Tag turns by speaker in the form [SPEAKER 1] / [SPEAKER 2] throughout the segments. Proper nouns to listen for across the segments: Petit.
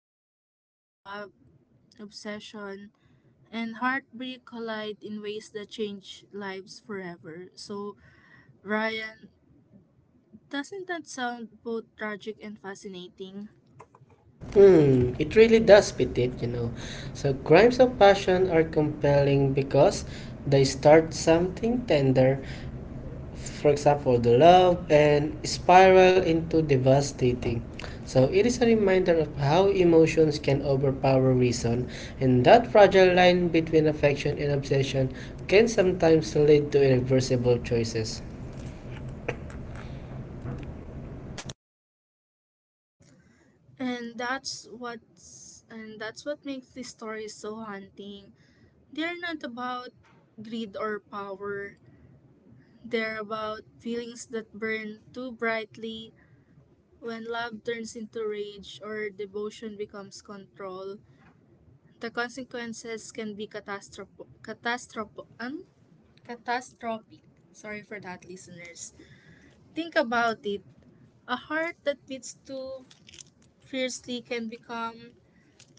[SPEAKER 1] stories where love, obsession, and heartbreak collide in ways that change lives forever. So, Ryan, doesn't that sound both tragic and fascinating?
[SPEAKER 2] Hmm, it really does fit it, you know. So, crimes of passion are compelling because they start something tender, for example, the love, and spiral into devastating. So, it is a reminder of how emotions can overpower reason, and that fragile line between affection and obsession can sometimes lead to irreversible choices.
[SPEAKER 1] And that's what makes these stories so haunting. They're not about greed or power. They're about feelings that burn too brightly when love turns into rage or devotion becomes control. The consequences can be catastrophic. Catastrophic. Catastrophic. Sorry for that, listeners. Think about it. A heart that beats too fiercely can become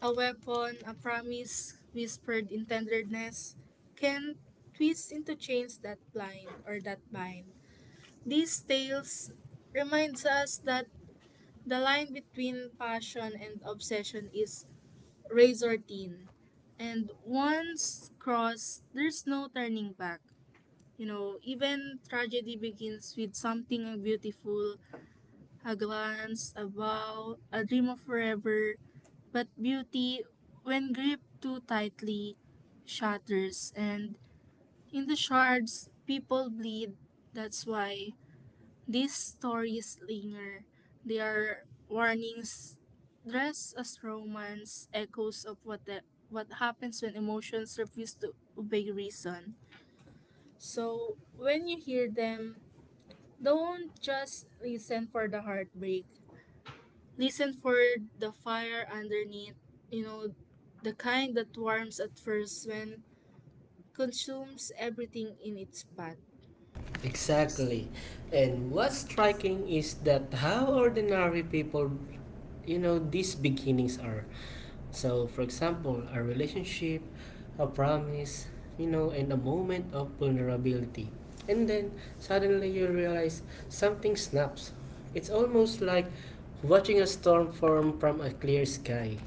[SPEAKER 1] a weapon, a promise whispered in tenderness, can twist into chains that blind or that bind. These tales reminds us that the line between passion and obsession is razor thin. And once crossed, there's no turning back. You know, even tragedy begins with something beautiful, a glance, a vow, a dream of forever, but beauty, when gripped too tightly, shatters, and in the shards, people bleed. That's why these stories linger. They are warnings dressed as romance, echoes of what happens when emotions refuse to obey reason. So, when you hear them, don't just listen for the heartbreak. Listen for the fire underneath, you know, the kind that warms at first when consumes everything in its path.
[SPEAKER 2] Exactly. And what's striking is that how ordinary people, you know, these beginnings are. So, for example, a relationship, a promise, you know, and a moment of vulnerability. And then suddenly you realize something snaps. It's almost like watching a storm form from a clear sky.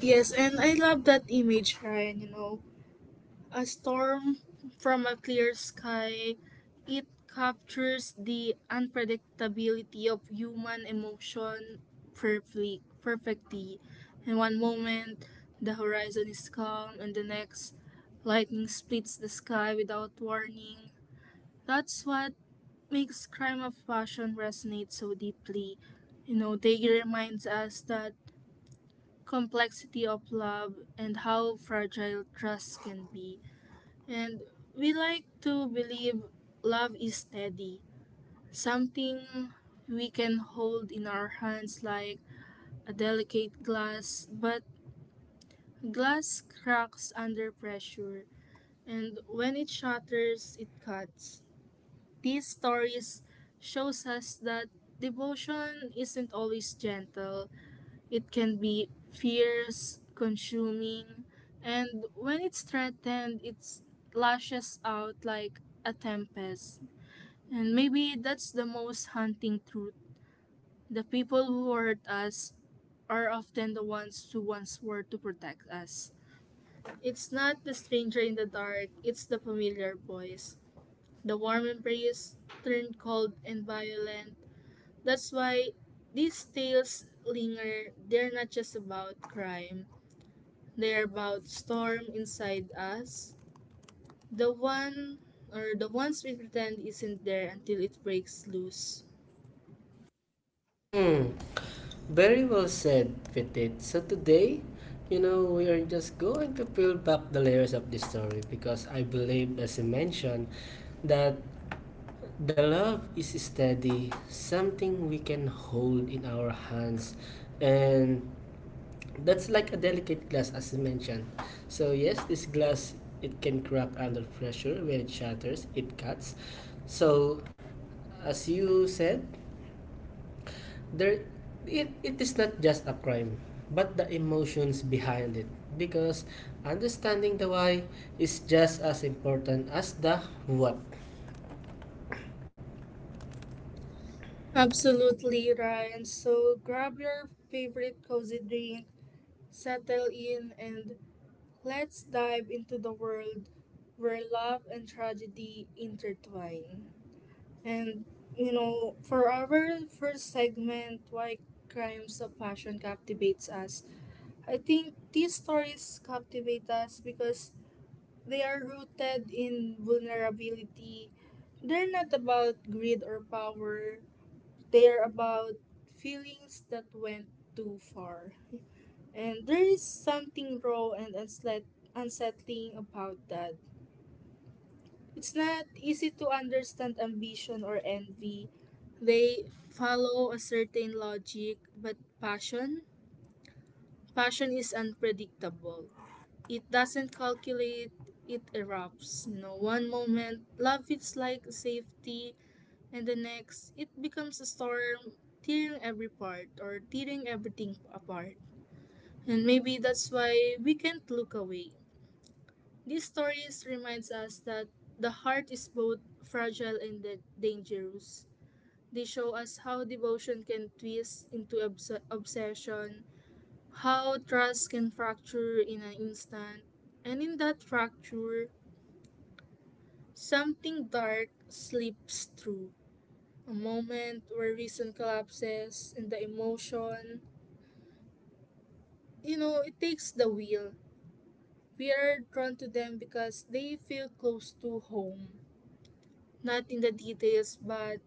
[SPEAKER 1] Yes, and I love that image, Ryan, you know. A storm from a clear sky, it captures the unpredictability of human emotion perfectly. In one moment the horizon is calm and the next lightning splits the sky without warning. That's what makes Crime of Passion resonate so deeply. You know, they reminds us that complexity of love and how fragile trust can be. And we like to believe love is steady, something we can hold in our hands like a delicate glass, but glass cracks under pressure, and when it shatters, it cuts. These stories shows us that devotion isn't always gentle. It can be fierce, consuming, and when it's threatened, it lashes out like a tempest. And maybe that's the most haunting truth. The people who hurt us are often the ones who once were to protect us. It's not the stranger in the dark, it's the familiar voice. The warm embrace turned cold and violent, that's why these tales linger. They're not just about crime. They're about storm inside us. The one the ones we pretend isn't there until it breaks loose.
[SPEAKER 2] Hmm. Very well said, Petit. So today, you know, we are just going to peel back the layers of this story because I believe, as you mentioned, that the love is steady, something we can hold in our hands, and that's like a delicate glass, as you mentioned. So yes, this glass it can crack under pressure when it shatters, it cuts. So as you said, there it is not just a crime but the emotions behind it because understanding the why is just as important as the what.
[SPEAKER 1] Absolutely, Ryan. So grab your favorite cozy drink, settle in, and let's dive into the world where love and tragedy intertwine. And you know, for our first segment, why crimes of passion captivates us. I think these stories captivate us because they are rooted in vulnerability. They're not about greed or power. They are about feelings that went too far. And there is something raw and unsettling about that. It's not easy to understand ambition or envy. They follow a certain logic, but passion? Passion is unpredictable. It doesn't calculate, it erupts. You know, one moment, love feels like safety, and the next, it becomes a storm, tearing everything apart. And maybe that's why we can't look away. These stories reminds us that the heart is both fragile and dangerous. They show us how devotion can twist into obsession, how trust can fracture in an instant, and in that fracture, something dark slips through. A moment where reason collapses and the emotion, you know, it takes the wheel. We are drawn to them because they feel close to home, not in the details, but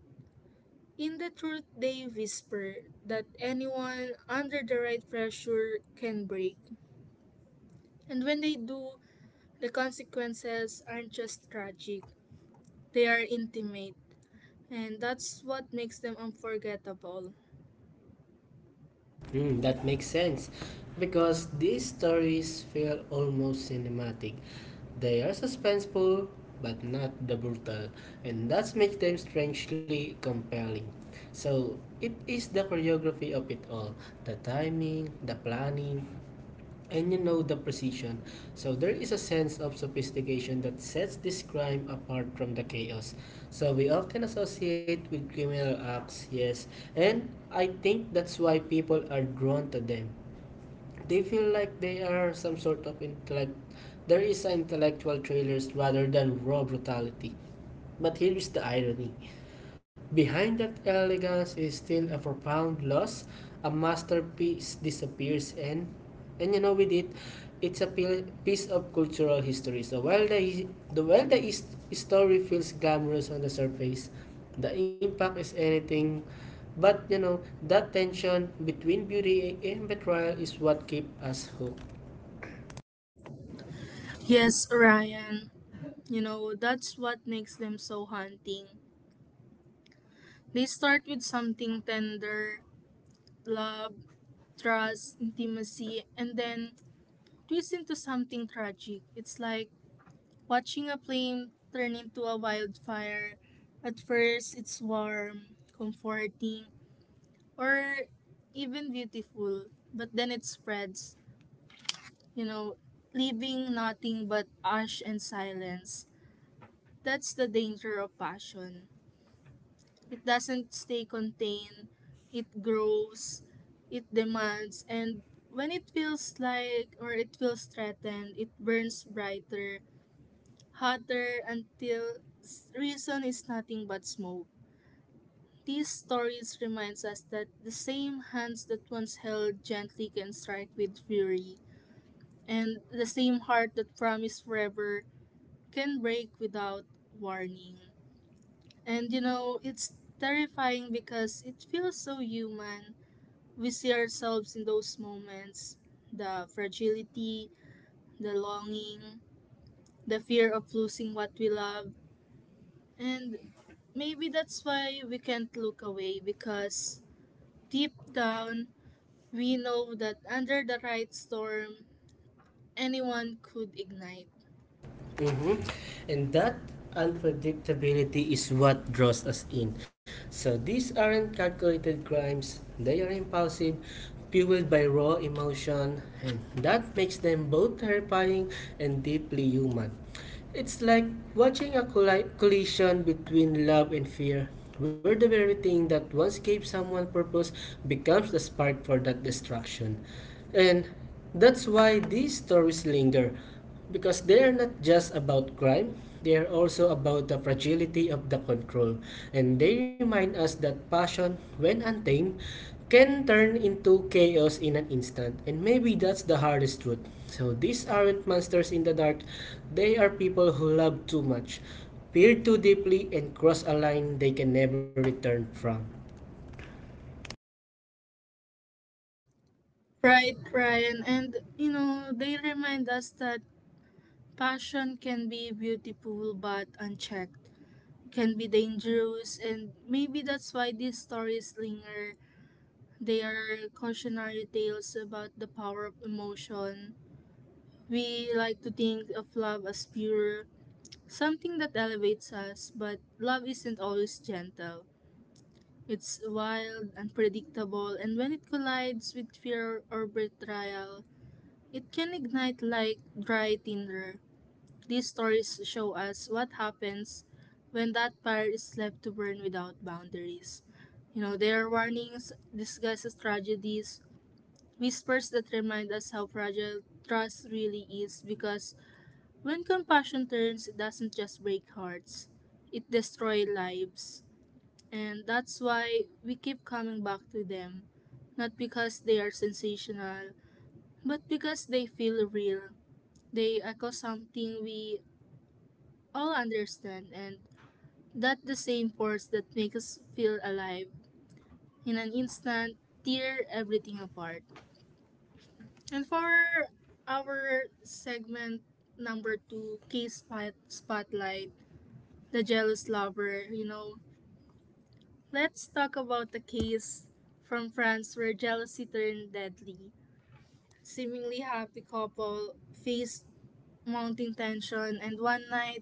[SPEAKER 1] in the truth, they whisper that anyone under the right pressure can break. And when they do, the consequences aren't just tragic, they are intimate. And that's what makes them unforgettable.
[SPEAKER 2] Hmm, that makes sense because these stories feel almost cinematic, they are suspenseful but not the brutal, and that makes them strangely compelling. So it is the choreography of it all, the timing, the planning, and you know the precision. So there is a sense of sophistication that sets this crime apart from the chaos. So we often associate with criminal acts, yes, and I think that's why people are drawn to them. They feel like they are some sort of intellect. There is intellectual trailers rather than raw brutality. But here is the irony. Behind that elegance is still a profound loss. A masterpiece disappears, and you know with it, it's a piece of cultural history. So while the while the his- story feels glamorous on the surface, the impact is anything but, you know, that tension between beauty and betrayal is what keeps us hooked.
[SPEAKER 1] Yes, Ryan, you know, that's what makes them so haunting. They start with something tender, love, trust, intimacy, and then twist into something tragic. It's like watching a flame turn into a wildfire, at first it's warm, comforting, or even beautiful, but then it spreads, you know, leaving nothing but ash and silence. That's the danger of passion. It doesn't stay contained, it grows, it demands, and when it feels like or it feels threatened, it burns brighter hotter until reason is nothing but smoke. These stories reminds us that the same hands that once held gently can strike with fury, and the same heart that promised forever can break without warning. And you know, it's terrifying because it feels so human. We see ourselves in those moments, the fragility, the longing, the fear of losing what we love, and maybe that's why we can't look away because deep down we know that under the right storm anyone could ignite.
[SPEAKER 2] Mhm. And that unpredictability is what draws us in. So these aren't calculated crimes, they are impulsive, fueled by raw emotion, and that makes them both terrifying and deeply human. It's like watching a collision between love and fear, where the very thing that once gave someone purpose becomes the spark for that destruction. And that's why these stories linger, because they are not just about crime, they are also about the fragility of the control, and they remind us that passion, when untamed, can turn into chaos in an instant. And maybe that's the hardest truth. So these aren't monsters in the dark, they are people who love too much, peer too deeply, and cross a line they can never return from.
[SPEAKER 1] Right, Ryan, and you know, they remind us that passion can be beautiful but unchecked, can be dangerous, and maybe that's why these stories linger. They are cautionary tales about the power of emotion. We like to think of love as pure, something that elevates us, but love isn't always gentle. It's wild, unpredictable, and when it collides with fear or betrayal, it can ignite like dry tinder. These stories show us what happens when that fire is left to burn without boundaries. You know, there are warnings, disguised as tragedies, whispers that remind us how fragile trust really is because when compassion turns, it doesn't just break hearts, it destroys lives. And that's why we keep coming back to them. Not because they are sensational, but because they feel real. They echo something we all understand, and that the same force that makes us feel alive in an instant tear everything apart. And for our segment number two, case spotlight, the jealous lover, you know. Let's talk about the case from France where jealousy turned deadly. Seemingly happy couple faced mounting tension, and one night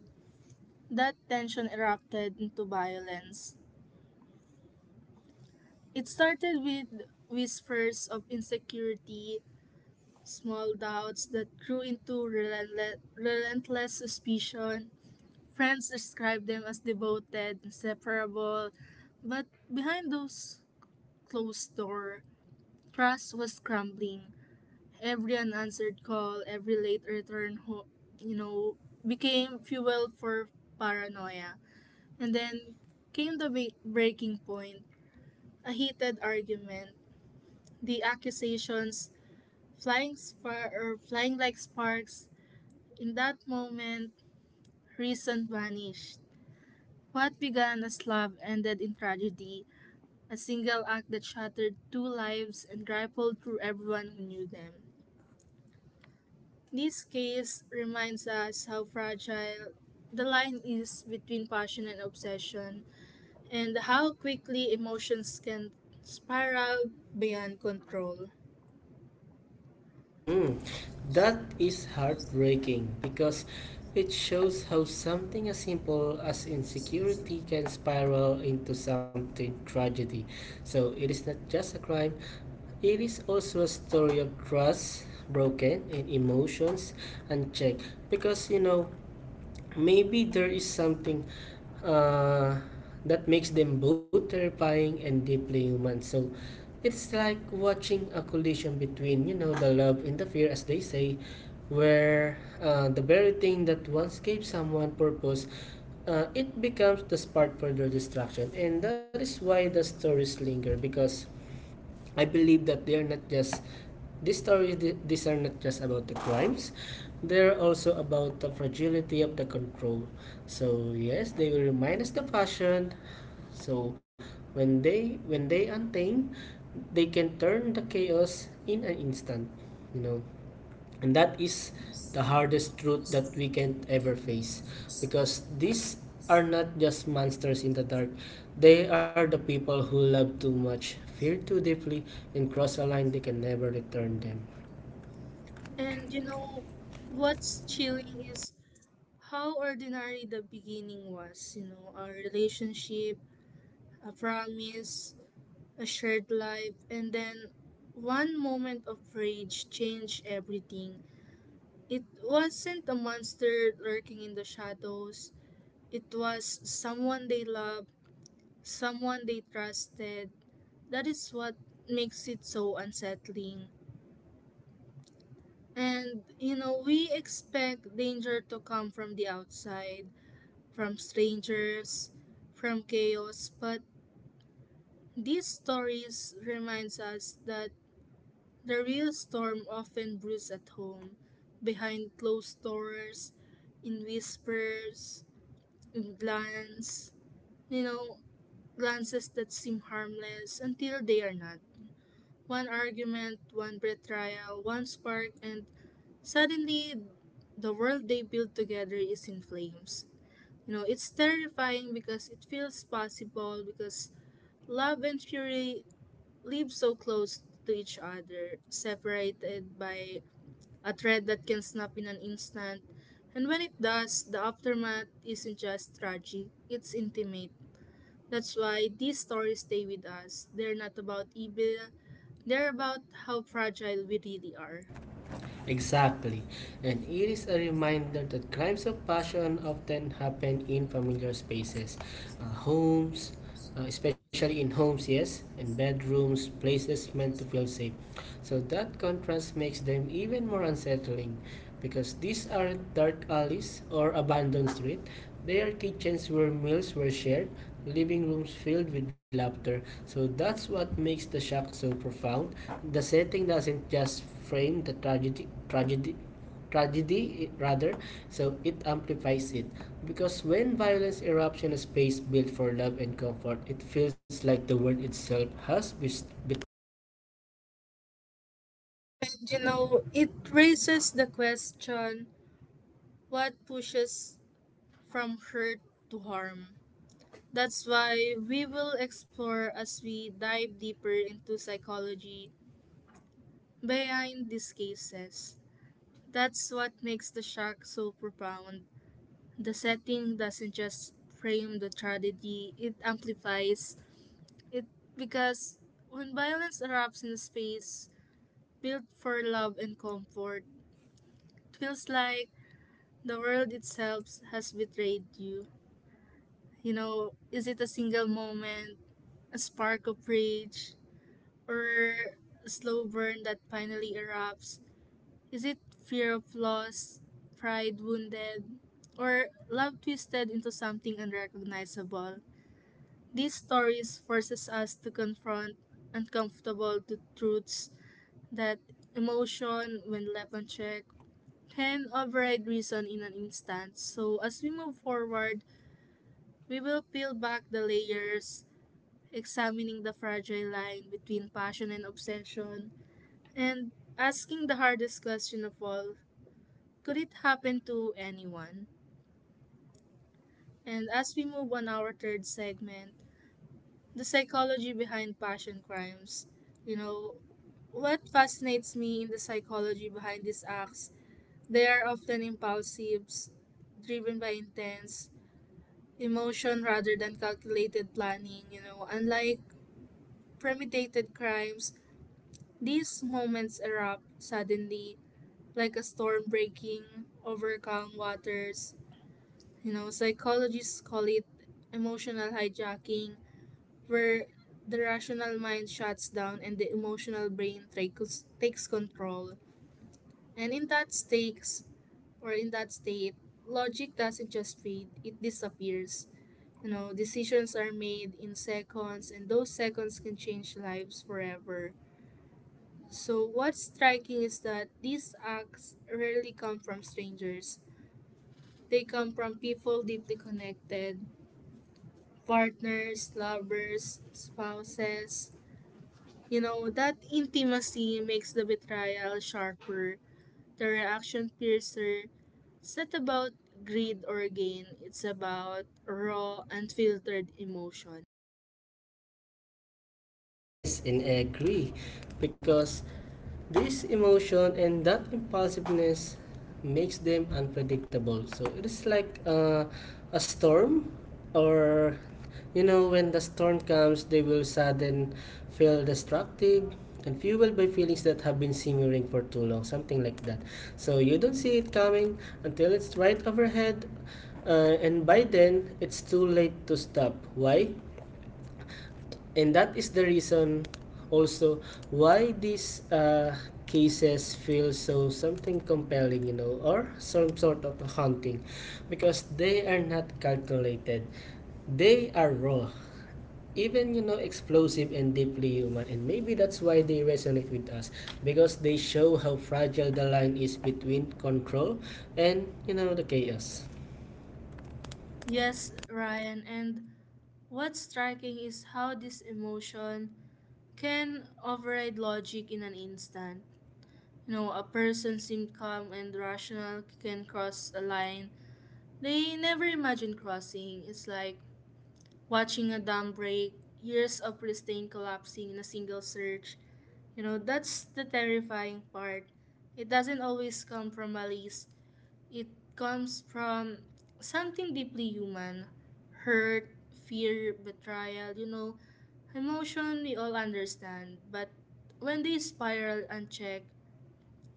[SPEAKER 1] that tension erupted into violence. It started with whispers of insecurity, small doubts that grew into relentless suspicion. Friends described them as devoted, inseparable, but behind those closed door. Trust was crumbling. Every unanswered call, every late return, you know, became fuel for paranoia. And then came the breaking point, a heated argument, the accusations flying like sparks. In that moment, reason vanished. What began as love ended in tragedy, a single act that shattered two lives and rippled through everyone who knew them. This case reminds us how fragile the line is between passion and obsession, and how quickly emotions can spiral beyond control.
[SPEAKER 2] Mm, that is heartbreaking because it shows how something as simple as insecurity can spiral into something tragedy. So it is not just a crime, it is also a story of trust broken and emotions unchecked, because you know maybe there is something, uh, that makes them both terrifying and deeply human. So it's like watching a collision between, you know, the love and the fear, as they say, where the very thing that once gave someone purpose, it becomes the spark for their destruction, and that is why the stories linger, because I believe that they are not just these stories, these are not just about the crimes, they're also about the fragility of the control. So yes, they will remind us the passion. So when they untamed, they can turn the chaos in an instant. You know, and that is the hardest truth that we can ever face, because these are not just monsters in the dark. They are the people who love too much, fear too deeply, and cross a line they can never return them.
[SPEAKER 1] And you know, what's chilling is how ordinary the beginning was, you know, a relationship, a promise, a shared life, and then one moment of rage changed everything. It wasn't a monster lurking in the shadows. It was someone they loved, someone they trusted. That is what makes it so unsettling. And, you know, we expect danger to come from the outside, from strangers, from chaos, but these stories reminds us that the real storm often brews at home, behind closed doors, in whispers, in glance. You know, glances that seem harmless until they are not. One argument, one betrayal, one spark, and suddenly the world they build together is in flames. You know, it's terrifying because it feels possible because love and fury live so close to each other, separated by a thread that can snap in an instant. And when it does, the aftermath isn't just tragic, it's intimate. That's why these stories stay with us. They're not about evil, they're about how fragile we really are.
[SPEAKER 2] Exactly. And it is a reminder that crimes of passion often happen in familiar spaces, homes, especially in homes, yes, in bedrooms, places meant to feel safe. So that contrast makes them even more unsettling because these aren't dark alleys or abandoned streets. They are kitchens where meals were shared, living rooms filled with laughter. So that's what makes the shock so profound. The setting doesn't just frame the tragedy rather, so it amplifies it. Because when violence erupts in a space built for love and comfort, it feels like the world itself has be-
[SPEAKER 1] And you know, it raises the question what pushes from hurt to harm? That's why we will explore as we dive deeper into psychology behind these cases. That's what makes the shock so profound. The setting doesn't just frame the tragedy, it amplifies it because when violence erupts in a space built for love and comfort, it feels like the world itself has betrayed you. You know, is it a single moment, a spark of rage, or a slow burn that finally erupts? Is it fear of loss, pride wounded, or love twisted into something unrecognizable? These stories forces us to confront uncomfortable truths that emotion, when left unchecked, can override reason in an instant. So, as we move forward, we will peel back the layers, examining the fragile line between passion and obsession, and asking the hardest question of all, could it happen to anyone? And as we move on our third segment, the psychology behind passion crimes, you know, what fascinates me in the psychology behind these acts, they are often impulsive, driven by intense emotion rather than calculated planning, you know. Unlike premeditated crimes, these moments erupt suddenly, like a storm breaking over calm waters. You know, psychologists call it emotional hijacking, where the rational mind shuts down and the emotional brain takes control. And in that stakes, or in that state, logic doesn't just fade, it disappears. Decisions are made in seconds, and those seconds can change lives forever. So, what's striking is that these acts rarely come from strangers. They come from people deeply connected, partners, lovers, spouses. That intimacy makes the betrayal sharper, the reaction fiercer. It's not about greed or gain, it's about raw, unfiltered emotion.
[SPEAKER 2] Yes, and I agree because this emotion and that impulsiveness makes them unpredictable. So it is like a storm, or you know, when the storm comes, they will sudden feel destructive and fueled by feelings that have been simmering for too long, something like that. So you don't see it coming until it's right overhead, and by then it's too late to stop. Why? And that is the reason also why these cases feel so something compelling, you know, or some sort of haunting because they are not calculated. They are raw. Even, you know, explosive and deeply human, and maybe that's why they resonate with us because they show how fragile the line is between control and, you know, the chaos.
[SPEAKER 1] Yes, Ryan, and what's striking is how this emotion can override logic in an instant. A person seemed calm and rational can cross a line they never imagined crossing. It's like watching a dam break, years of pristine collapsing in a single surge. That's the terrifying part. It doesn't always come from malice, it comes from something deeply human: hurt, fear, betrayal, emotion we all understand, but when they spiral unchecked,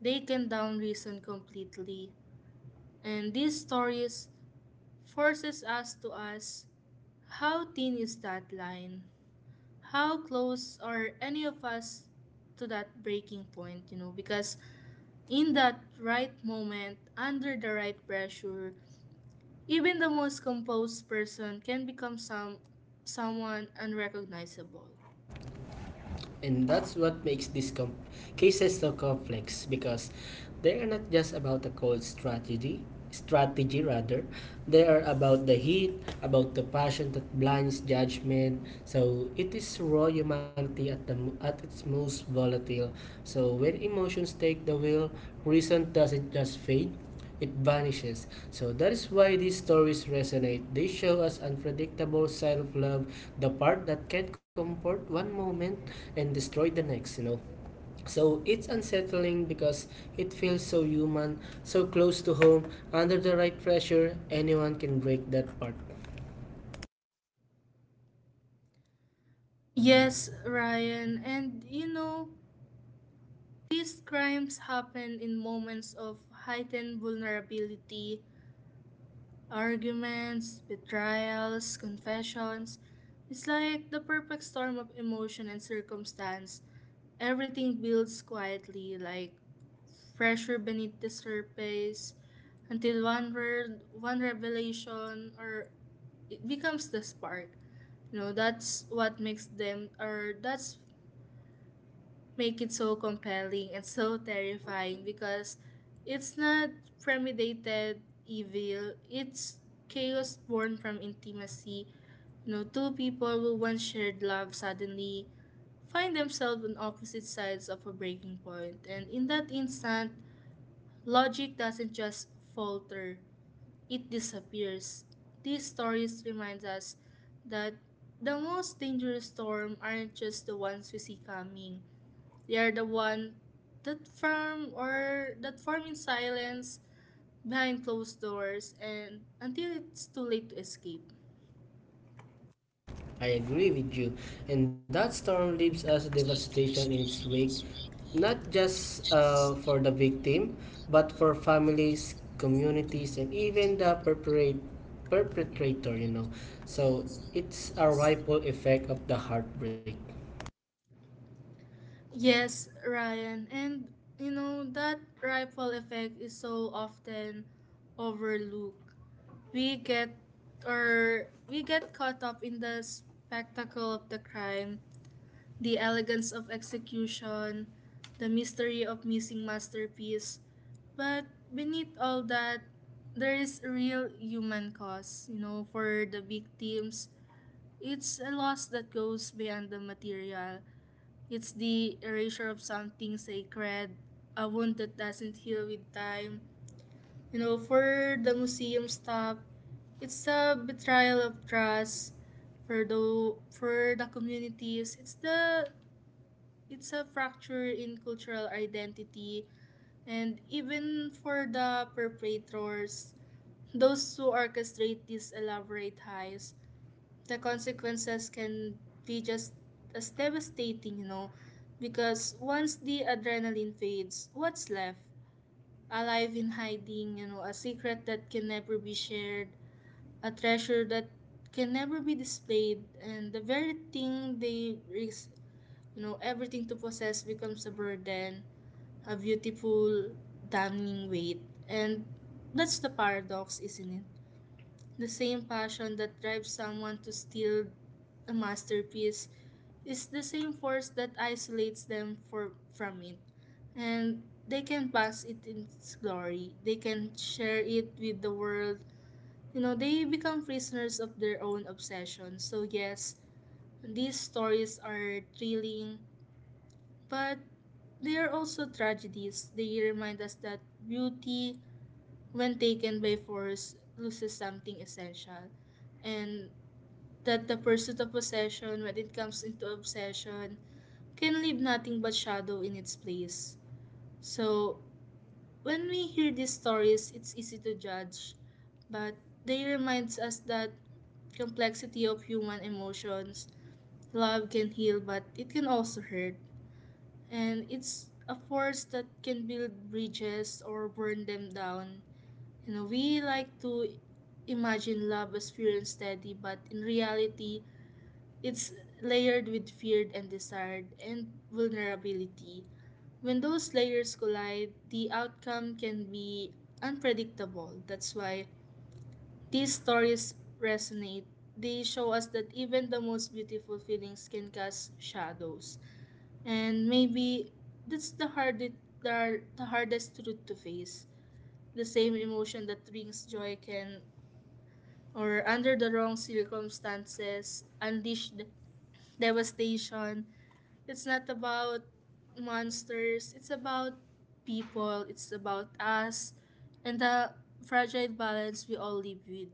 [SPEAKER 1] they can down reason completely. And these stories forces us to ask, how thin is that line? How close are any of us to that breaking point? Because in that right moment, under the right pressure, even the most composed person can become someone unrecognizable.
[SPEAKER 2] And that's what makes these cases so complex, because they are not just about a cold strategy rather, they are about the heat, about the passion that blinds judgment. So it is raw humanity at at its most volatile. So when emotions take the wheel, reason doesn't just fade, it vanishes. So that is why these stories resonate. They show us unpredictable self love, the part that can comfort one moment and destroy the next, you know. So it's unsettling because it feels so human, so close to home, under the right pressure, anyone can break that part.
[SPEAKER 1] Yes, Ryan, and these crimes happen in moments of heightened vulnerability: arguments, betrayals, confessions. It's like the perfect storm of emotion and circumstance. Everything builds quietly, like pressure beneath the surface, until one word, one revelation, or it becomes the spark. That's what makes them, or that's make it so compelling and so terrifying, because it's not premeditated evil, it's chaos born from intimacy. You know, two people who once shared love suddenly find themselves on opposite sides of a breaking point. And in that instant, logic doesn't just falter, it disappears. These stories remind us that the most dangerous storm aren't just the ones we see coming, they are the one that farm or that farm in silence, behind closed doors, and until it's too late to escape.
[SPEAKER 2] I agree with you. And that storm leaves us devastation in its wake, not just for the victim, but for families, communities, and even the perpetrator, you know. So it's a ripple effect of the heartbreak.
[SPEAKER 1] Yes, Ryan, and that ripple effect is so often overlooked. We get we get caught up in the spectacle of the crime, the elegance of execution, the mystery of missing masterpiece. But beneath all that, there is a real human cost, for the victims. It's a loss that goes beyond the material. It's the erasure of something sacred, a wound that doesn't heal with time. For the museum staff, it's a betrayal of trust. For the communities, it's a fracture in cultural identity. And even for the perpetrators, those who orchestrate these elaborate heists, the consequences can be just as devastating, because once the adrenaline fades, what's left? Alive in hiding, a secret that can never be shared, a treasure that can never be displayed, and the very thing they risk, everything to possess becomes a burden, a beautiful, damning weight. And that's the paradox, isn't it? The same passion that drives someone to steal a masterpiece is the same force that isolates them from it. And they can pass it in its glory. They can share it with the world. They become prisoners of their own obsession. So, yes, these stories are thrilling, but they are also tragedies. They remind us that beauty, when taken by force, loses something essential. And that the pursuit of possession, when it comes into obsession, can leave nothing but shadow in its place. So, when we hear these stories, it's easy to judge, but they reminds us that complexity of human emotions, love can heal, but it can also hurt. And it's a force that can build bridges or burn them down. We like to imagine love as pure and steady, but in reality, it's layered with feared and desired and vulnerability. When those layers collide, the outcome can be unpredictable. That's why these stories resonate. They show us that even the most beautiful feelings can cast shadows. And maybe that's the hardest truth to face. The same emotion that brings joy can, or under the wrong circumstances, unleash the devastation. It's not about monsters, it's about people, it's about us and the fragile balance we all live with.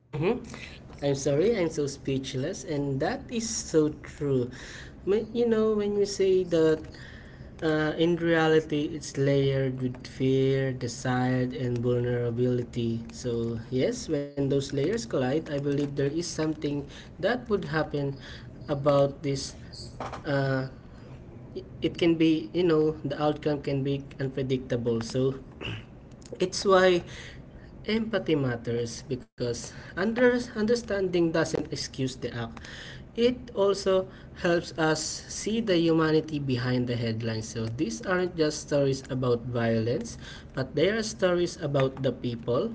[SPEAKER 2] Mm-hmm. I'm sorry, I'm so speechless, and that is so true. Ma- You know, when we say that in reality it's layered with fear, desire, and vulnerability. So, yes, when those layers collide, I believe there is something that would happen about this. Uh, it can be, you know, the outcome can be unpredictable. So, it's why empathy matters because understanding doesn't excuse the act. It also helps us see the humanity behind the headlines. So these aren't just stories about violence, but they are stories about the people,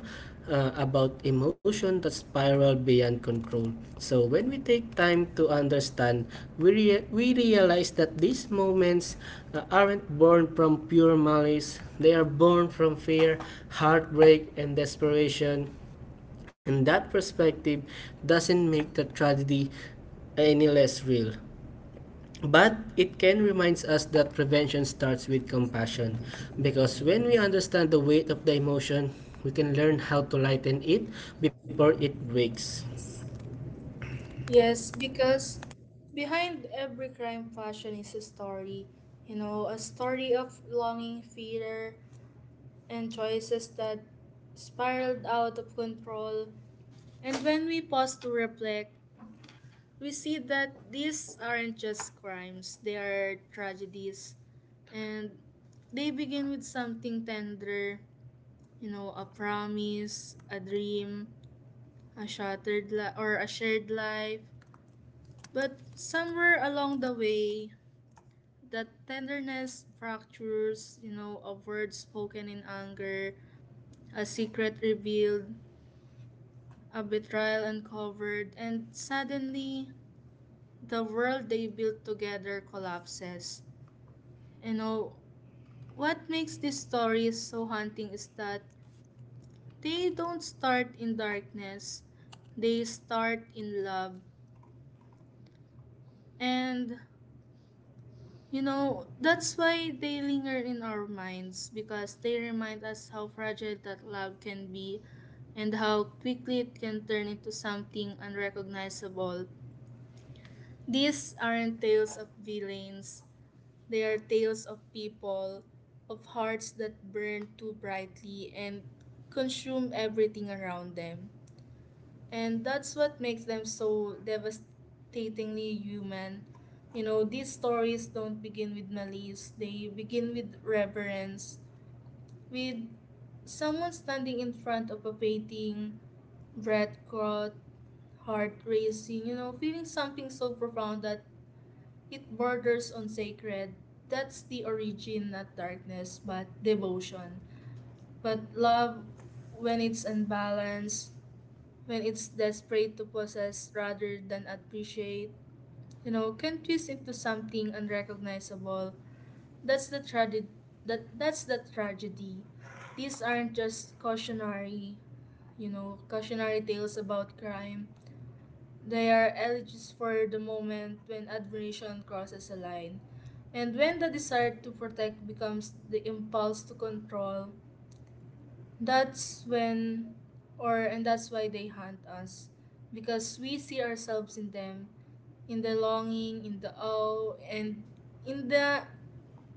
[SPEAKER 2] about emotion that spiral beyond control. So when we take time to understand, we realize that these moments aren't born from pure malice. They are born from fear, heartbreak, and desperation. And that perspective doesn't make the tragedy any less real. But it can remind us that prevention starts with compassion, because when we understand the weight of the emotion, we can learn how to lighten it before it breaks.
[SPEAKER 1] Yes, because behind every crime fashion is a story. A story of longing, fear, and choices that spiraled out of control. And when we pause to reflect, we see that these aren't just crimes, they are tragedies. And they begin with something tender, a promise, a dream, a shattered li- or a shared life. But somewhere along the way, that tenderness fractures. A word spoken in anger, a secret revealed, a betrayal uncovered, and suddenly the world they built together collapses. You know, what makes these stories so haunting is that they don't start in darkness, they start in love. And, that's why they linger in our minds, because they remind us how fragile that love can be, and how quickly it can turn into something unrecognizable. These aren't tales of villains, they are tales of people, of hearts that burn too brightly and consume everything around them. And that's what makes them so devastatingly human. These stories don't begin with malice, they begin with reverence, with someone standing in front of a painting, breath caught, heart racing, feeling something so profound that it borders on sacred. That's the origin, not darkness, but devotion. But love, when it's unbalanced, when it's desperate to possess rather than appreciate, can twist into something unrecognizable. That's the tragedy. That's the tragedy. These aren't just cautionary, cautionary tales about crime. They are elegies for the moment when admiration crosses a line, and when the desire to protect becomes the impulse to control. That's when, or and that's why they haunt us, because we see ourselves in them, in the longing, in the awe, and in the,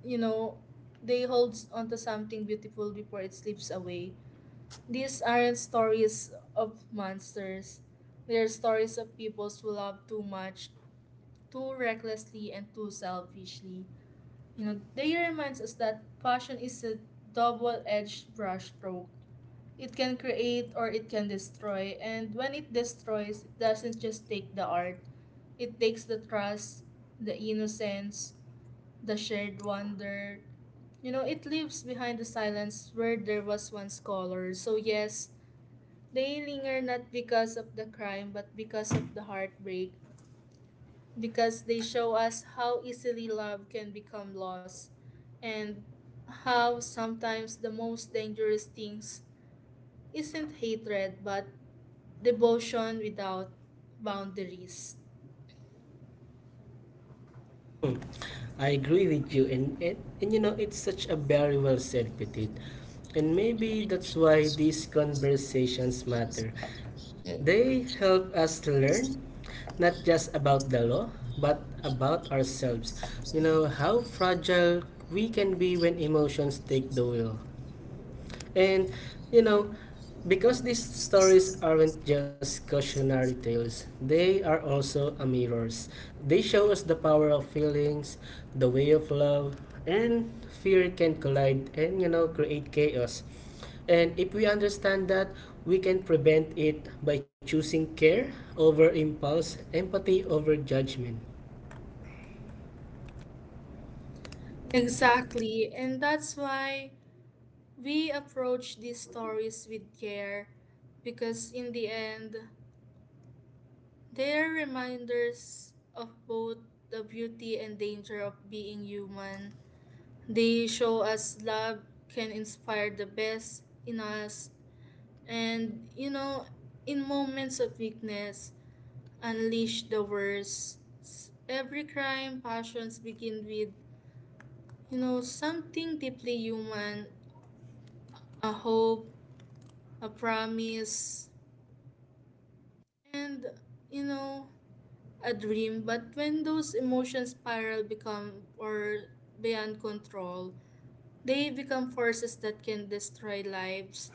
[SPEAKER 1] you know, they hold onto something beautiful before it slips away. These aren't stories of monsters. They're stories of people who love too much, too recklessly, and too selfishly. They reminds us that passion is a double-edged brushstroke. It can create or it can destroy, and when it destroys, it doesn't just take the art. It takes the trust, the innocence, the shared wonder. It leaves behind the silence where there was once color. So yes, they linger not because of the crime, but because of the heartbreak, because they show us how easily love can become lost, and how sometimes the most dangerous things isn't hatred, but devotion without boundaries.
[SPEAKER 2] Hmm, I agree with you, and, and you know it's such a very well said, Petit, and maybe that's why these conversations matter. They help us to learn, not just about the law, but about ourselves. You know how fragile we can be when emotions take the wheel. And you know, because these stories aren't just cautionary tales, they are also a mirrors. They show us the power of feelings, the way of love, and fear can collide and, you know, create chaos. And if we understand that, we can prevent it by choosing care over impulse, empathy over judgment.
[SPEAKER 1] Exactly, and that's why we approach these stories with care, because in the end, they are reminders of both the beauty and danger of being human. They show us love can inspire the best in us, and in moments of weakness, unleash the worst. Every crime passions begin with, something deeply human, a hope, a promise, and you know a dream. But when those emotions spiral become or beyond control, they become forces that can destroy lives.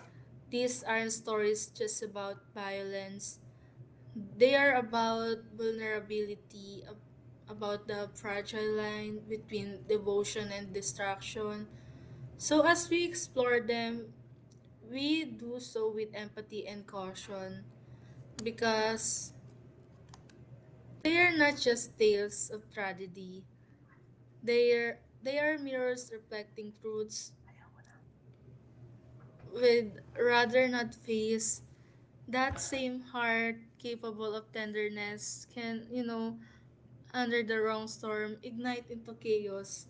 [SPEAKER 1] These aren't stories just about violence, they are about vulnerability, about the fragile line between devotion and distraction. So as we explore them, we do so with empathy and caution, because they are not just tales of tragedy. They are mirrors reflecting truths we'd rather not face. That same heart capable of tenderness can, under the wrong storm, ignite into chaos.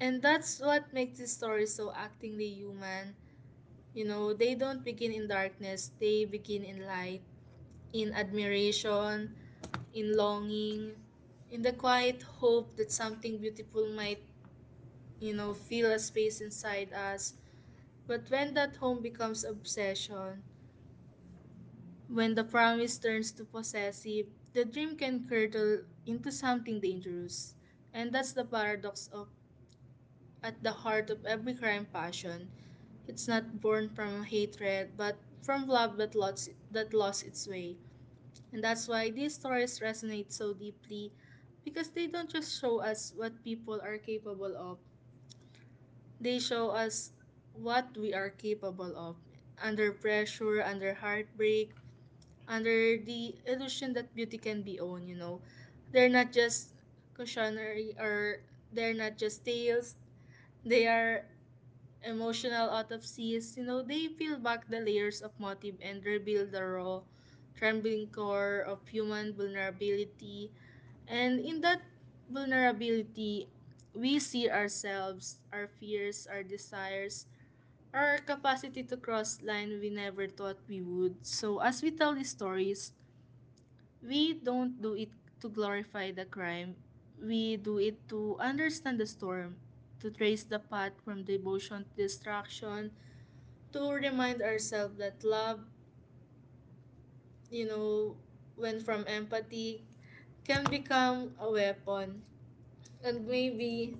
[SPEAKER 1] And that's what makes this story so actingly human. They don't begin in darkness, they begin in light, in admiration, in longing, in the quiet hope that something beautiful might, fill a space inside us. But when that home becomes obsession, when the promise turns to possessive, the dream can curdle into something dangerous. And that's the paradox of at the heart of every crime passion. It's not born from hatred, but from love that lost its way. And that's why these stories resonate so deeply, because they don't just show us what people are capable of, they show us what we are capable of, under pressure, under heartbreak, under the illusion that beauty can be owned, They're not just cautionary or they're not just tales, they are emotional autopsies. They peel back the layers of motive and reveal the raw, trembling core of human vulnerability. And in that vulnerability, we see ourselves, our fears, our desires, our capacity to cross line we never thought we would. So as we tell these stories, we don't do it to glorify the crime. We do it to understand the storm, to trace the path from devotion to destruction, to remind ourselves that love, you know, when from empathy, can become a weapon. And maybe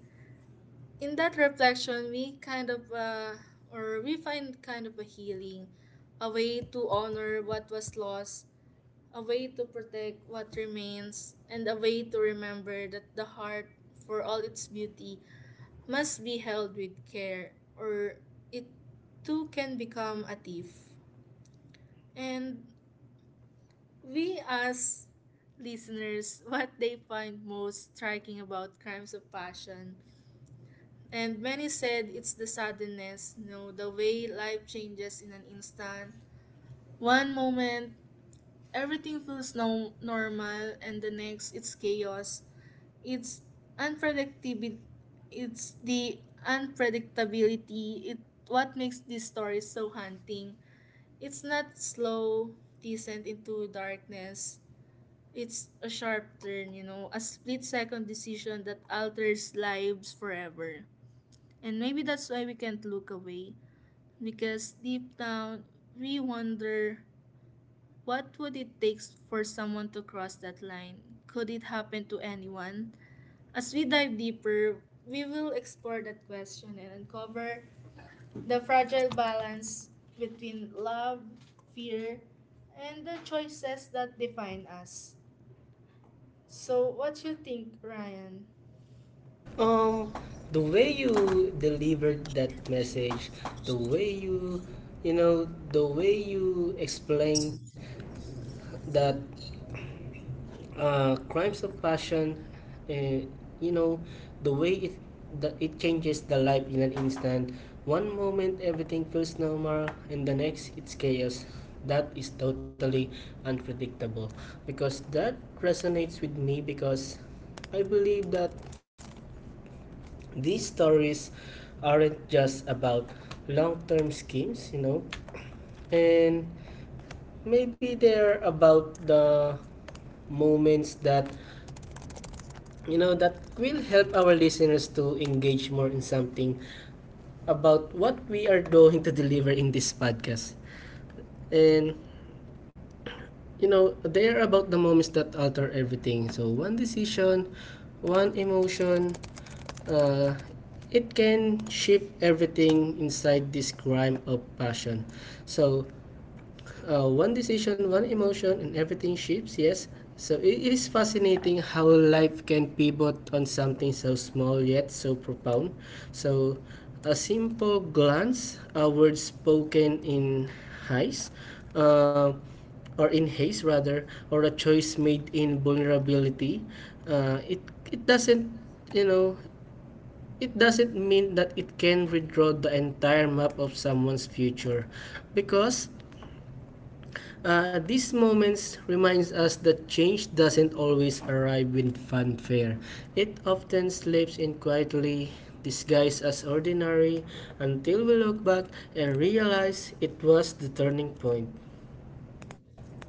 [SPEAKER 1] in that reflection, we find kind of a healing, a way to honor what was lost, a way to protect what remains, and a way to remember that the heart, for all its beauty, must be held with care, or it too can become a thief. And we ask listeners what they find most striking about crimes of passion. And many said it's the suddenness, you know, the way life changes in an instant. One moment, everything feels normal, and the next, it's chaos. It's unpredictability. It's the unpredictability. It what makes these stories so haunting. It's not slow descent into darkness. It's a sharp turn, you know, a split second decision that alters lives forever. And maybe that's why we can't look away, because deep down we wonder, what would it take for someone to cross that line? Could it happen to anyone? As we dive deeper, we will explore that question and uncover the fragile balance between love, fear, and the choices that define us. So, what you think, Ryan?
[SPEAKER 2] Um, the way you delivered that message, the way you, you know, the way you explained that crimes of passion, uh, you know, the way it that it changes the life in an instant. One moment everything feels normal, and the next it's chaos. That is totally unpredictable, because that resonates with me, because I believe that these stories aren't just about long-term schemes, you know, and maybe they're about the moments that, you know, that will help our listeners to engage more in something about what we are going to deliver in this podcast. And you know, they are about the moments that alter everything. So one decision, one emotion, uh, it can shift everything inside this crime of passion. So one decision, one emotion, and everything shifts, yes. So it is fascinating how life can pivot on something so small yet so profound. So a simple glance, a word spoken in haste, uh, rather, or a choice made in vulnerability, uh, it it doesn't, you know, it doesn't mean that it can redraw the entire map of someone's future, because these moments reminds us that change doesn't always arrive with fanfare. It often slips in quietly, disguised as ordinary, until we look back and realize it was the turning point.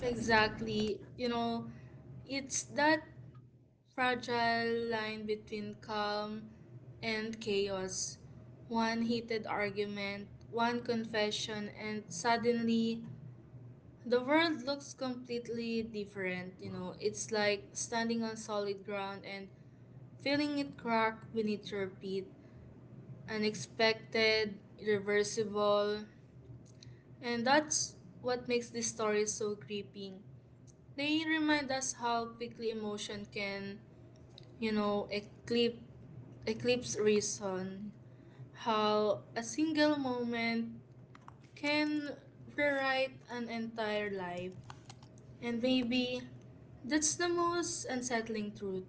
[SPEAKER 1] Exactly. You know, it's that fragile line between calm and chaos. One heated argument, one confession, and suddenly the world looks completely different. You know, it's like standing on solid ground and feeling it crack beneath your feet. Unexpected, irreversible, and that's what makes this story so gripping. They remind us how quickly emotion can, you know, eclipse reason, how a single moment can rewrite an entire life. And maybe that's the most unsettling truth.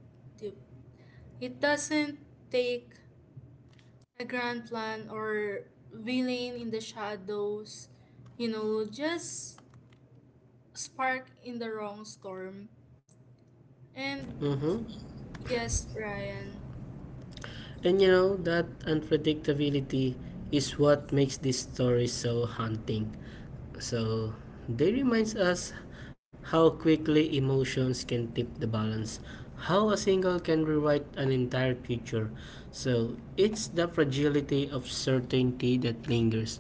[SPEAKER 1] It doesn't take a grand plan or villain in the shadows, you know, just spark in the wrong storm. And
[SPEAKER 2] Mhm.
[SPEAKER 1] yes, Ryan.
[SPEAKER 2] And you know, that unpredictability is what makes this story so haunting. So, they reminds us how quickly emotions can tip the balance, how a single can rewrite an entire future. So, it's the fragility of certainty that lingers.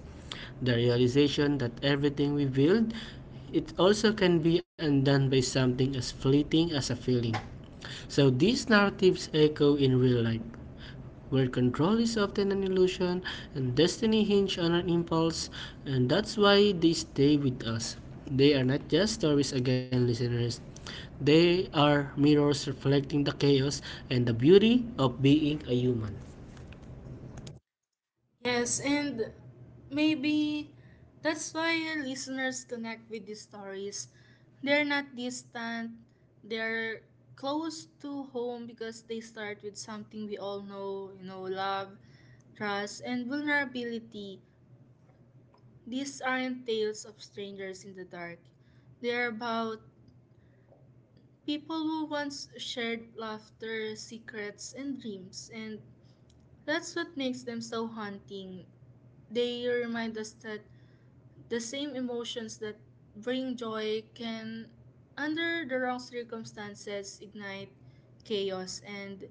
[SPEAKER 2] The realization that everything we build, it also can be undone by something as fleeting as a feeling. So these narratives echo in real life, where control is often an illusion and destiny hinges on an impulse, and that's why they stay with us. They are not just stories again, listeners. They are mirrors reflecting the chaos and the beauty of being a human.
[SPEAKER 1] Yes, and maybe that's why your listeners connect with these stories. They're not distant, they're close to home because they start with something we all know, you know, love, trust, and vulnerability. These aren't tales of strangers in the dark, they're about people who once shared laughter, secrets, and dreams, and that's what makes them so haunting. They remind us that the same emotions that bring joy can, under the wrong circumstances, ignite chaos. And,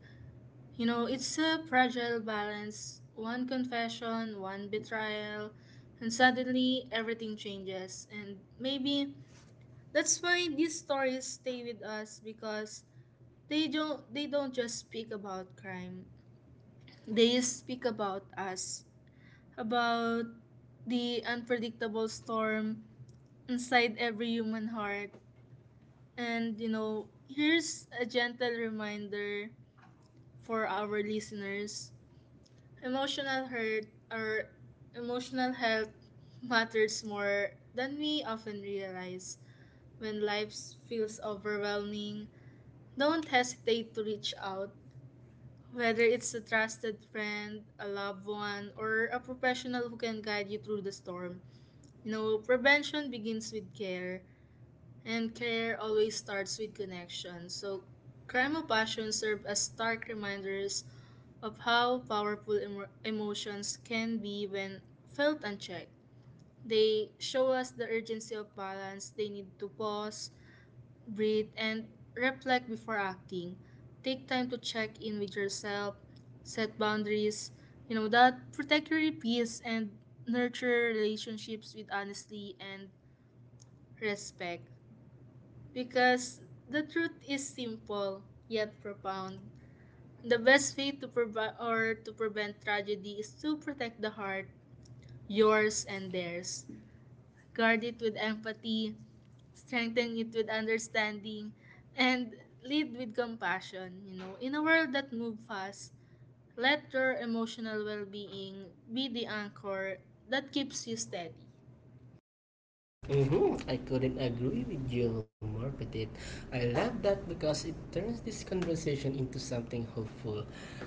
[SPEAKER 1] you know, it's a fragile balance. One confession, one betrayal, and suddenly everything changes. And maybe that's why these stories stay with us because they don't just speak about crime, they speak about us, about the unpredictable storm inside every human heart. And, you know, here's a gentle reminder for our listeners: emotional hurt or emotional health matters more than we often realize. When life feels overwhelming, don't hesitate to reach out, whether it's a trusted friend, a loved one, or a professional who can guide you through the storm. You know, prevention begins with care. And care always starts with connection. So, crime of passion serve as stark reminders of how powerful emotions can be when felt unchecked. They show us the urgency of balance. They need to pause, breathe, and reflect before acting. Take time to check in with yourself, set boundaries, you know, that protect your peace and nurture relationships with honesty and respect. Because the truth is simple yet profound. The best way to prevent tragedy is to protect the heart, yours and theirs. Guard it with empathy, strengthen it with understanding, and lead with compassion. You know, in a world that moves fast, let your emotional well-being be the anchor that keeps you steady.
[SPEAKER 2] Hmm, I couldn't agree with you more, Petit. I love that because it turns this conversation into something hopeful.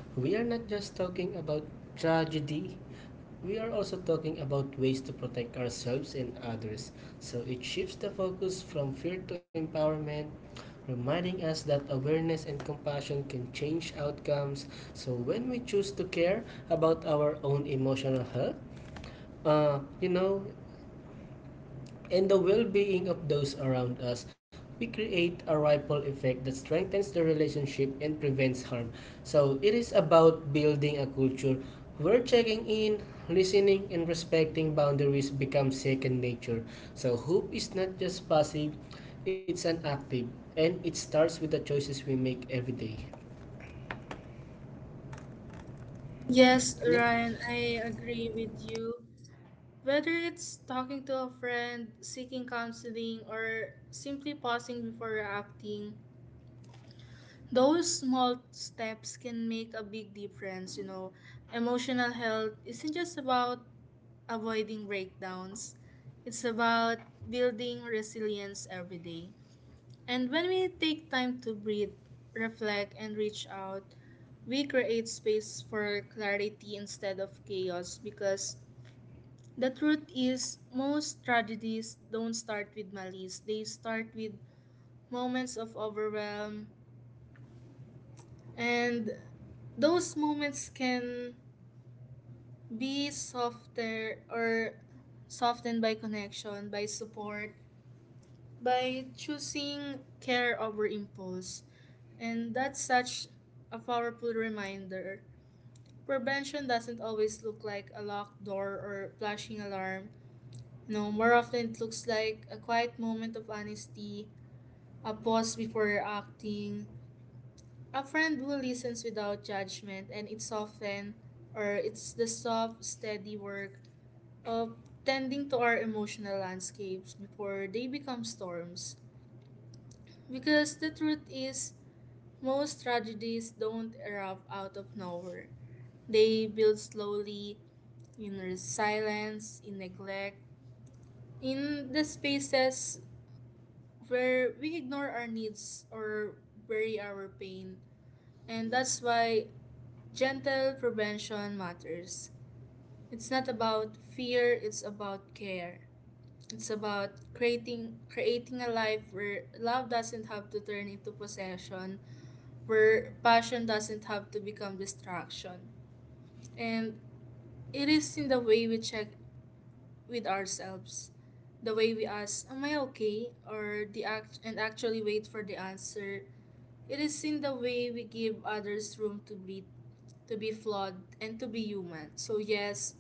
[SPEAKER 2] We are not just talking about tragedy, we are also talking about ways to protect ourselves and others. So it shifts the focus from fear to empowerment, reminding us that awareness and compassion can change outcomes. So when we choose to care about our own emotional health, uh, you know, and the well-being of those around us, we create a ripple effect that strengthens the relationship and prevents harm. So it is about building a culture where checking in, listening, and respecting boundaries become second nature. So hope is not just passive, it's an active, and it starts with the choices we make every day.
[SPEAKER 1] Yes,
[SPEAKER 2] Yeah.
[SPEAKER 1] Ryan, I agree with you. Whether it's talking to a friend, seeking counseling, or simply pausing before reacting, those small steps can make a big difference. You know, emotional health isn't just about avoiding breakdowns, it's about building resilience every day. And when we take time to breathe, reflect, and reach out, we create space for clarity instead of chaos, because the truth is, most tragedies don't start with malice. They start with moments of overwhelm, and those moments can be softer or softened by connection, by support, by choosing care over impulse. And that's such a powerful reminder. Prevention doesn't always look like a locked door or flashing alarm. No, more often it looks like a quiet moment of honesty, a pause before acting, a friend who listens without judgment, and it's often, or it's the soft, steady work of tending to our emotional landscapes before they become storms. Because the truth is, most tragedies don't erupt out of nowhere. They build slowly, in silence, in neglect, in the spaces where we ignore our needs or bury our pain. And that's why gentle prevention matters. It's not about fear, it's about care. It's about creating a life where love doesn't have to turn into possession, where passion doesn't have to become distraction. And it is in the way we check with ourselves, the way we ask, "Am I okay?" or the act and actually wait for the answer. It is in the way we give others room to breathe, to be flawed, and to be human. So, yes,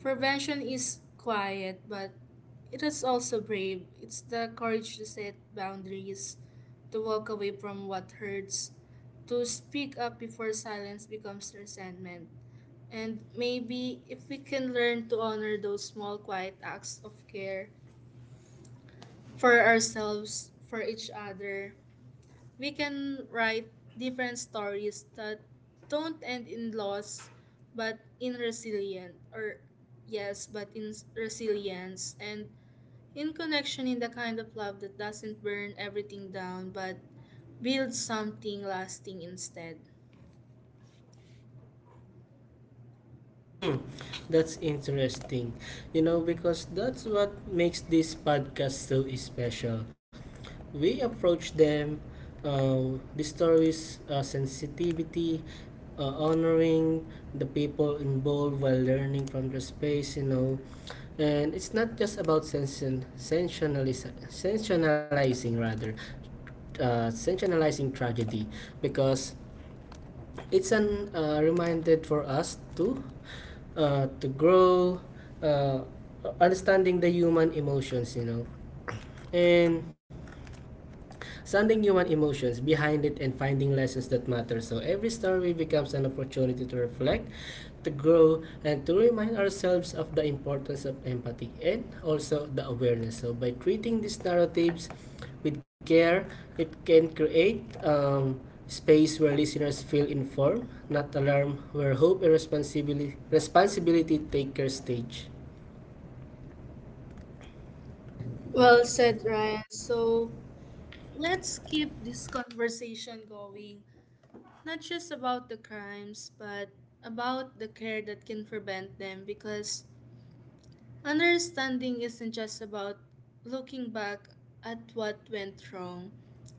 [SPEAKER 1] prevention is quiet, but it is also brave. It's the courage to set boundaries, to walk away from what hurts, to speak up before silence becomes resentment. And maybe if we can learn to honor those small, quiet acts of care for ourselves, for each other, we can write different stories that don't end in loss, but in resilience, or yes, but in resilience, and in connection, in the kind of love that doesn't burn everything down, but builds something lasting instead.
[SPEAKER 2] Hmm, that's interesting. You know, because that's what makes this podcast so special. We approach them, the stories, sensitivity, honoring the people involved while learning from the space, you know. And it's not just about sensationalizing rather, sensationalizing tragedy, because it's an reminder for us to grow, uh, understanding the human emotions, you know, and sanding human emotions behind it and finding lessons that matter. So every story becomes an opportunity to reflect, to grow, and to remind ourselves of the importance of empathy and also the awareness. So by treating these narratives with care, it can create space where listeners feel informed, not alarmed, where hope and responsibility take their stage.
[SPEAKER 1] Well said, Ryan. So let's keep this conversation going, not just about the crimes, but about the care that can prevent them, because understanding isn't just about looking back at what went wrong.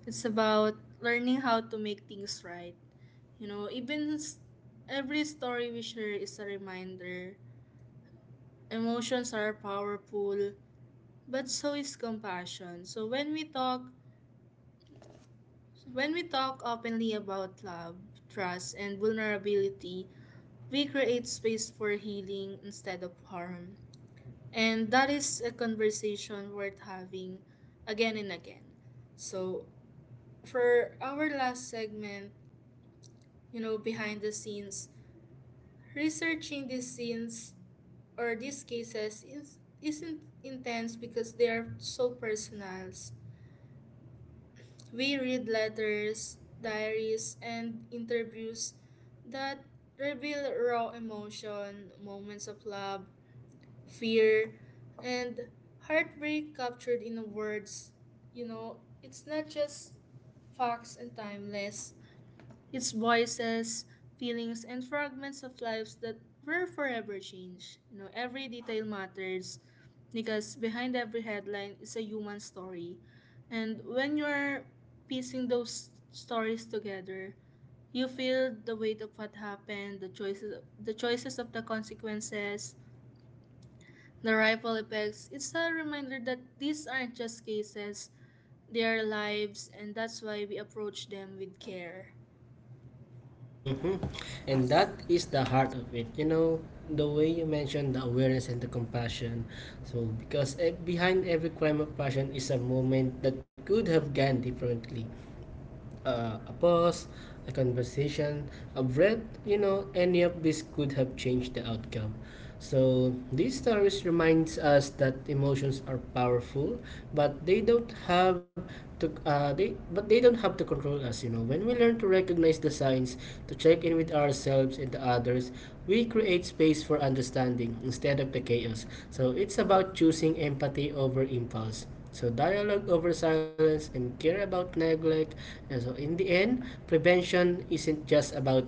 [SPEAKER 1] It's about learning how to make things right. You know, even every story we share is a reminder. Emotions are powerful, but so is compassion. So when we talk openly about love, trust, and vulnerability, we create space for healing instead of harm. And that is a conversation worth having again and again. So, for our last segment, you know, behind the scenes, researching these scenes or these cases is, isn't intense because they are so personal. We read letters, diaries, and interviews that reveal raw emotion, moments of love, fear, and heartbreak captured in words. You know, it's not just facts and timeless, it's voices, feelings, and fragments of lives that were forever changed. You know, every detail matters because behind every headline is a human story. And when you're piecing those stories together, you feel the weight of what happened, the choices of the consequences, the ripple effects. It's a reminder that these aren't just cases, they are lives, and that's why we approach them with care.
[SPEAKER 2] Mm-hmm. And that is the heart of it. You know, the way you mentioned the awareness and the compassion. So, because eh, behind every crime of passion is a moment that could have gone differently. A pause, a conversation, a breath, you know, any of this could have changed the outcome. So these stories reminds us that emotions are powerful, but they don't have to control us. You know, when we learn to recognize the signs, to check in with ourselves and the others, we create space for understanding instead of the chaos. So it's about choosing empathy over impulse, so dialogue over silence and care about neglect. And so in the end, prevention isn't just about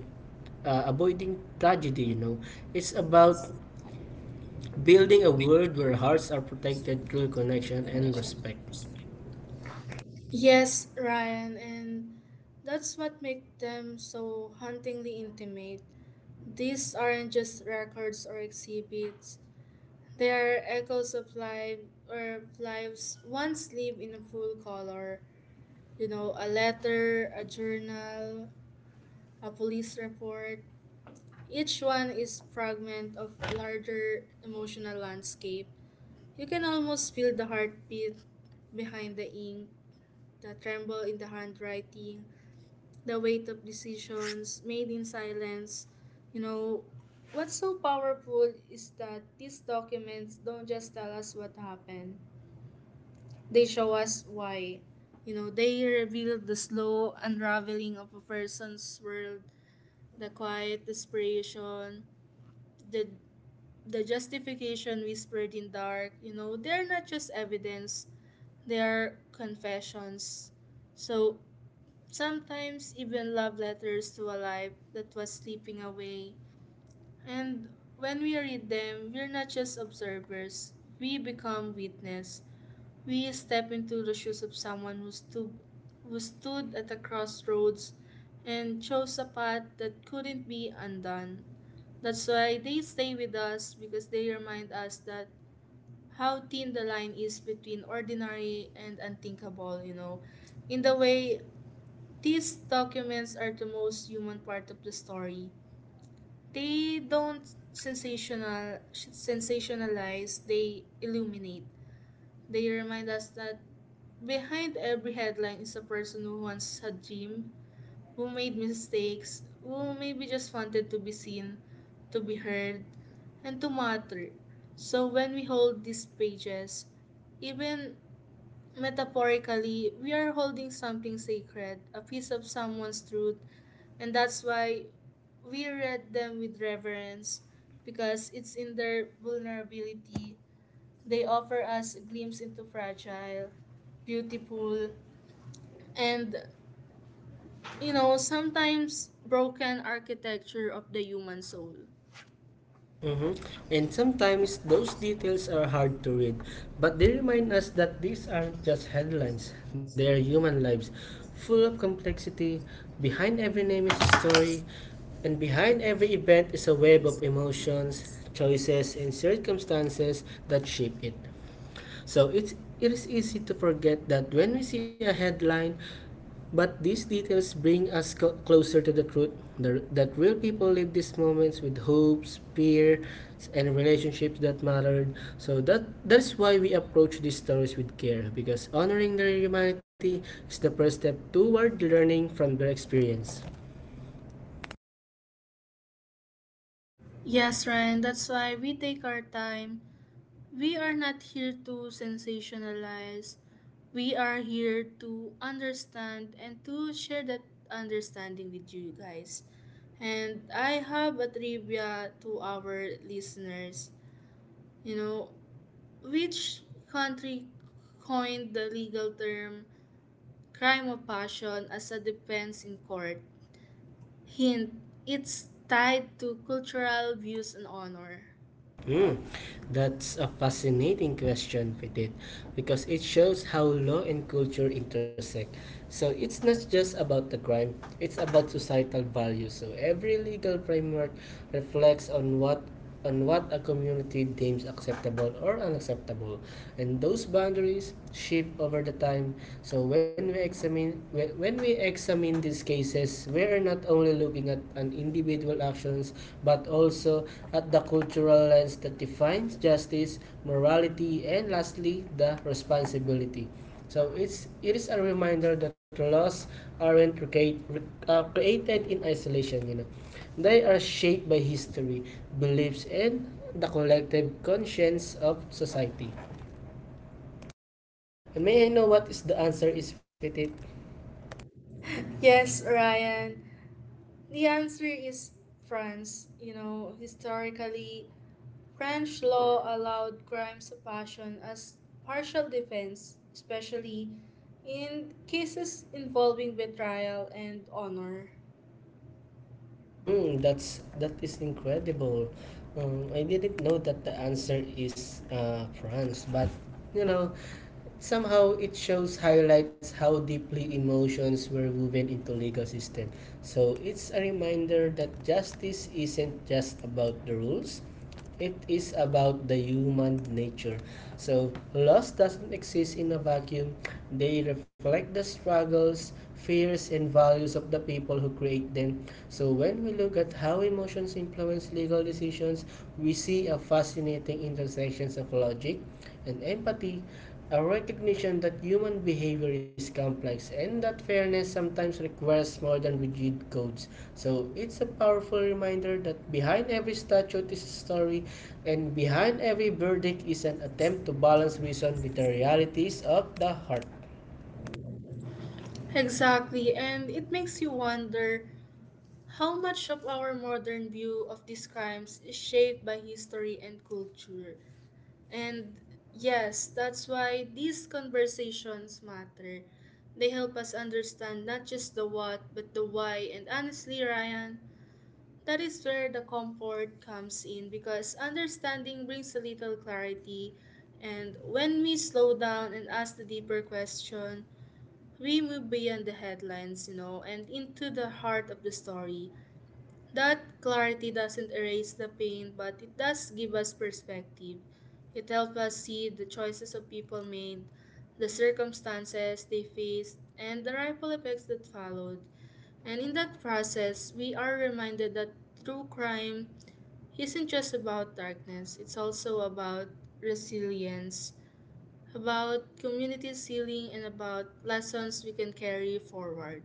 [SPEAKER 2] avoiding tragedy, you know. It's about building a world where hearts are protected through connection and respect.
[SPEAKER 1] Yes, Ryan, and that's what makes them so hauntingly intimate. These aren't just records or exhibits, they are echoes of life or lives once lived in full color. You know, a letter, a journal, a police report, each one is fragment of a larger emotional landscape. You can almost feel the heartbeat behind the ink, the tremble in the handwriting, the weight of decisions made in silence. You know, what's so powerful is that these documents don't just tell us what happened, they show us why. You know, they reveal the slow unraveling of a person's world, the quiet desperation, the the justification whispered in dark. You know, they're not just evidence, they're confessions, so sometimes even love letters to a life that was slipping away. And when we read them, we're not just observers, we become witness. We step into the shoes of someone who stood at a crossroads and chose a path that couldn't be undone. That's why they stay with us because they remind us that how thin the line is between ordinary and unthinkable, you know. In the way, these documents are the most human part of the story. They don't sensationalize, they illuminate. They remind us that behind every headline is a person who once had dream, who made mistakes, who maybe just wanted to be seen, to be heard, and to matter. So when we hold these pages, even metaphorically, we are holding something sacred, a piece of someone's truth, and that's why we read them with reverence, because it's in their vulnerability they offer us a glimpse into fragile, beautiful, and, you know, sometimes broken architecture of the human soul.
[SPEAKER 2] Mm-hmm. And sometimes those details are hard to read, but they remind us that these aren't just headlines, they are human lives, full of complexity. Behind every name is a story, and behind every event is a web of emotions, choices, and circumstances that shape it. So it is easy to forget that when we see a headline, but these details bring us closer to the truth, that real people live these moments with hopes, fear, and relationships that mattered. So that's why we approach these stories with care because honoring their humanity is the first step toward learning from their experience.
[SPEAKER 1] Yes, Ryan, that's why we take our time. We are not here to sensationalize. We are here to understand and to share that understanding with you guys. And I have a trivia to our listeners. You know, which country coined the legal term "crime of passion" as a defense in court? Hint, it's tied to cultural views and honor.
[SPEAKER 2] Hmm, that's a fascinating question, Petit, because it shows how law and culture intersect. So it's not just about the crime, it's about societal values. So every legal framework reflects on what a community deems acceptable or unacceptable, and those boundaries shift over the time. So when we examine these cases, we are not only looking at an individual actions but also at the cultural lens that defines justice, morality, and lastly, the responsibility. So it is a reminder that laws aren't created in isolation. You know, they are shaped by history, beliefs, and the collective conscience of society. And may I know what is the answer is fitted?
[SPEAKER 1] Yes, Ryan. The answer is France. You know, historically, French law allowed crimes of passion as partial defense, especially in cases involving betrayal and honor.
[SPEAKER 2] Mm, that is incredible. I didn't know that the answer is France, but you know, somehow it shows highlights how deeply emotions were woven into legal system. So it's a reminder that justice isn't just about the rules, it is about the human nature. So, loss doesn't exist in a vacuum. They reflect the struggles, fears, and values of the people who create them. So, when we look at how emotions influence legal decisions, we see a fascinating intersections of logic and empathy, a recognition that human behavior is complex and that fairness sometimes requires more than rigid codes. So it's a powerful reminder that behind every statute is a story and behind every verdict is an attempt to balance reason with the realities of the heart.
[SPEAKER 1] Exactly, and it makes you wonder how much of our modern view of these crimes is shaped by history and culture. And yes, that's why these conversations matter. They help us understand not just the what, but the why. And honestly, Ryan, that is where the comfort comes in, because understanding brings a little clarity. And when we slow down and ask the deeper question, we move beyond the headlines, you know, and into the heart of the story. That clarity doesn't erase the pain, but it does give us perspective. It helps us see the choices of people made, the circumstances they faced, and the ripple effects that followed. And in that process, we are reminded that true crime isn't just about darkness, it's also about resilience, about community healing, and about lessons we can carry forward.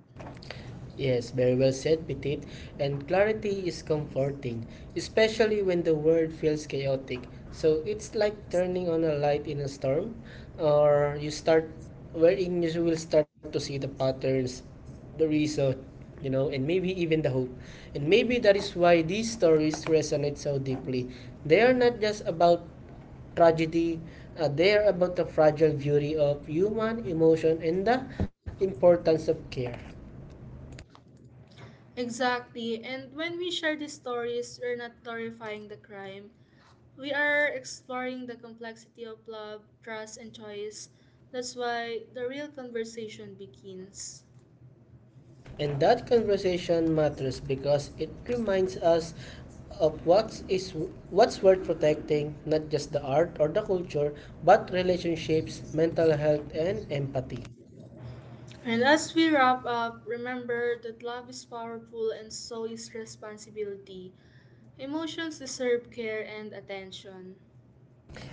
[SPEAKER 2] Yes, very well said, Petit. And clarity is comforting, especially when the world feels chaotic. So it's like turning on a light in a storm, or you start wherein you will start to see the patterns, the reason, you know, and maybe even the hope. And maybe that is why these stories resonate so deeply. They are not just about tragedy. They are about the fragile beauty of human emotion and the importance of care.
[SPEAKER 1] Exactly. And when we share these stories, we're not glorifying the crime. We are exploring the complexity of love, trust, and choice. That's why the real conversation begins.
[SPEAKER 2] And that conversation matters because it reminds us of what's worth protecting, not just the art or the culture, but relationships, mental health, and empathy.
[SPEAKER 1] And as we wrap up, remember that love is powerful and so is responsibility. Emotions deserve care and attention.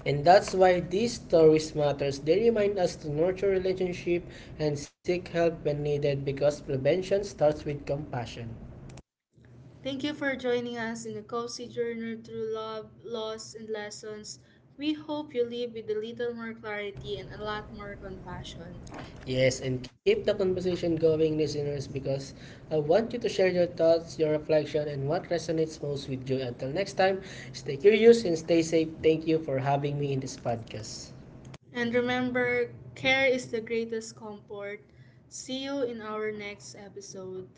[SPEAKER 2] And that's why these stories matters. They remind us to nurture relationship and seek help when needed because prevention starts with compassion.
[SPEAKER 1] Thank you for joining us in a cozy journey through love, loss, and lessons. We hope you leave with a little more clarity and a lot more compassion.
[SPEAKER 2] Yes, and keep the conversation going, listeners, because I want you to share your thoughts, your reflection, and what resonates most with you. Until next time, stay curious and stay safe. Thank you for having me in this podcast.
[SPEAKER 1] And remember, care is the greatest comfort. See you in our next episode.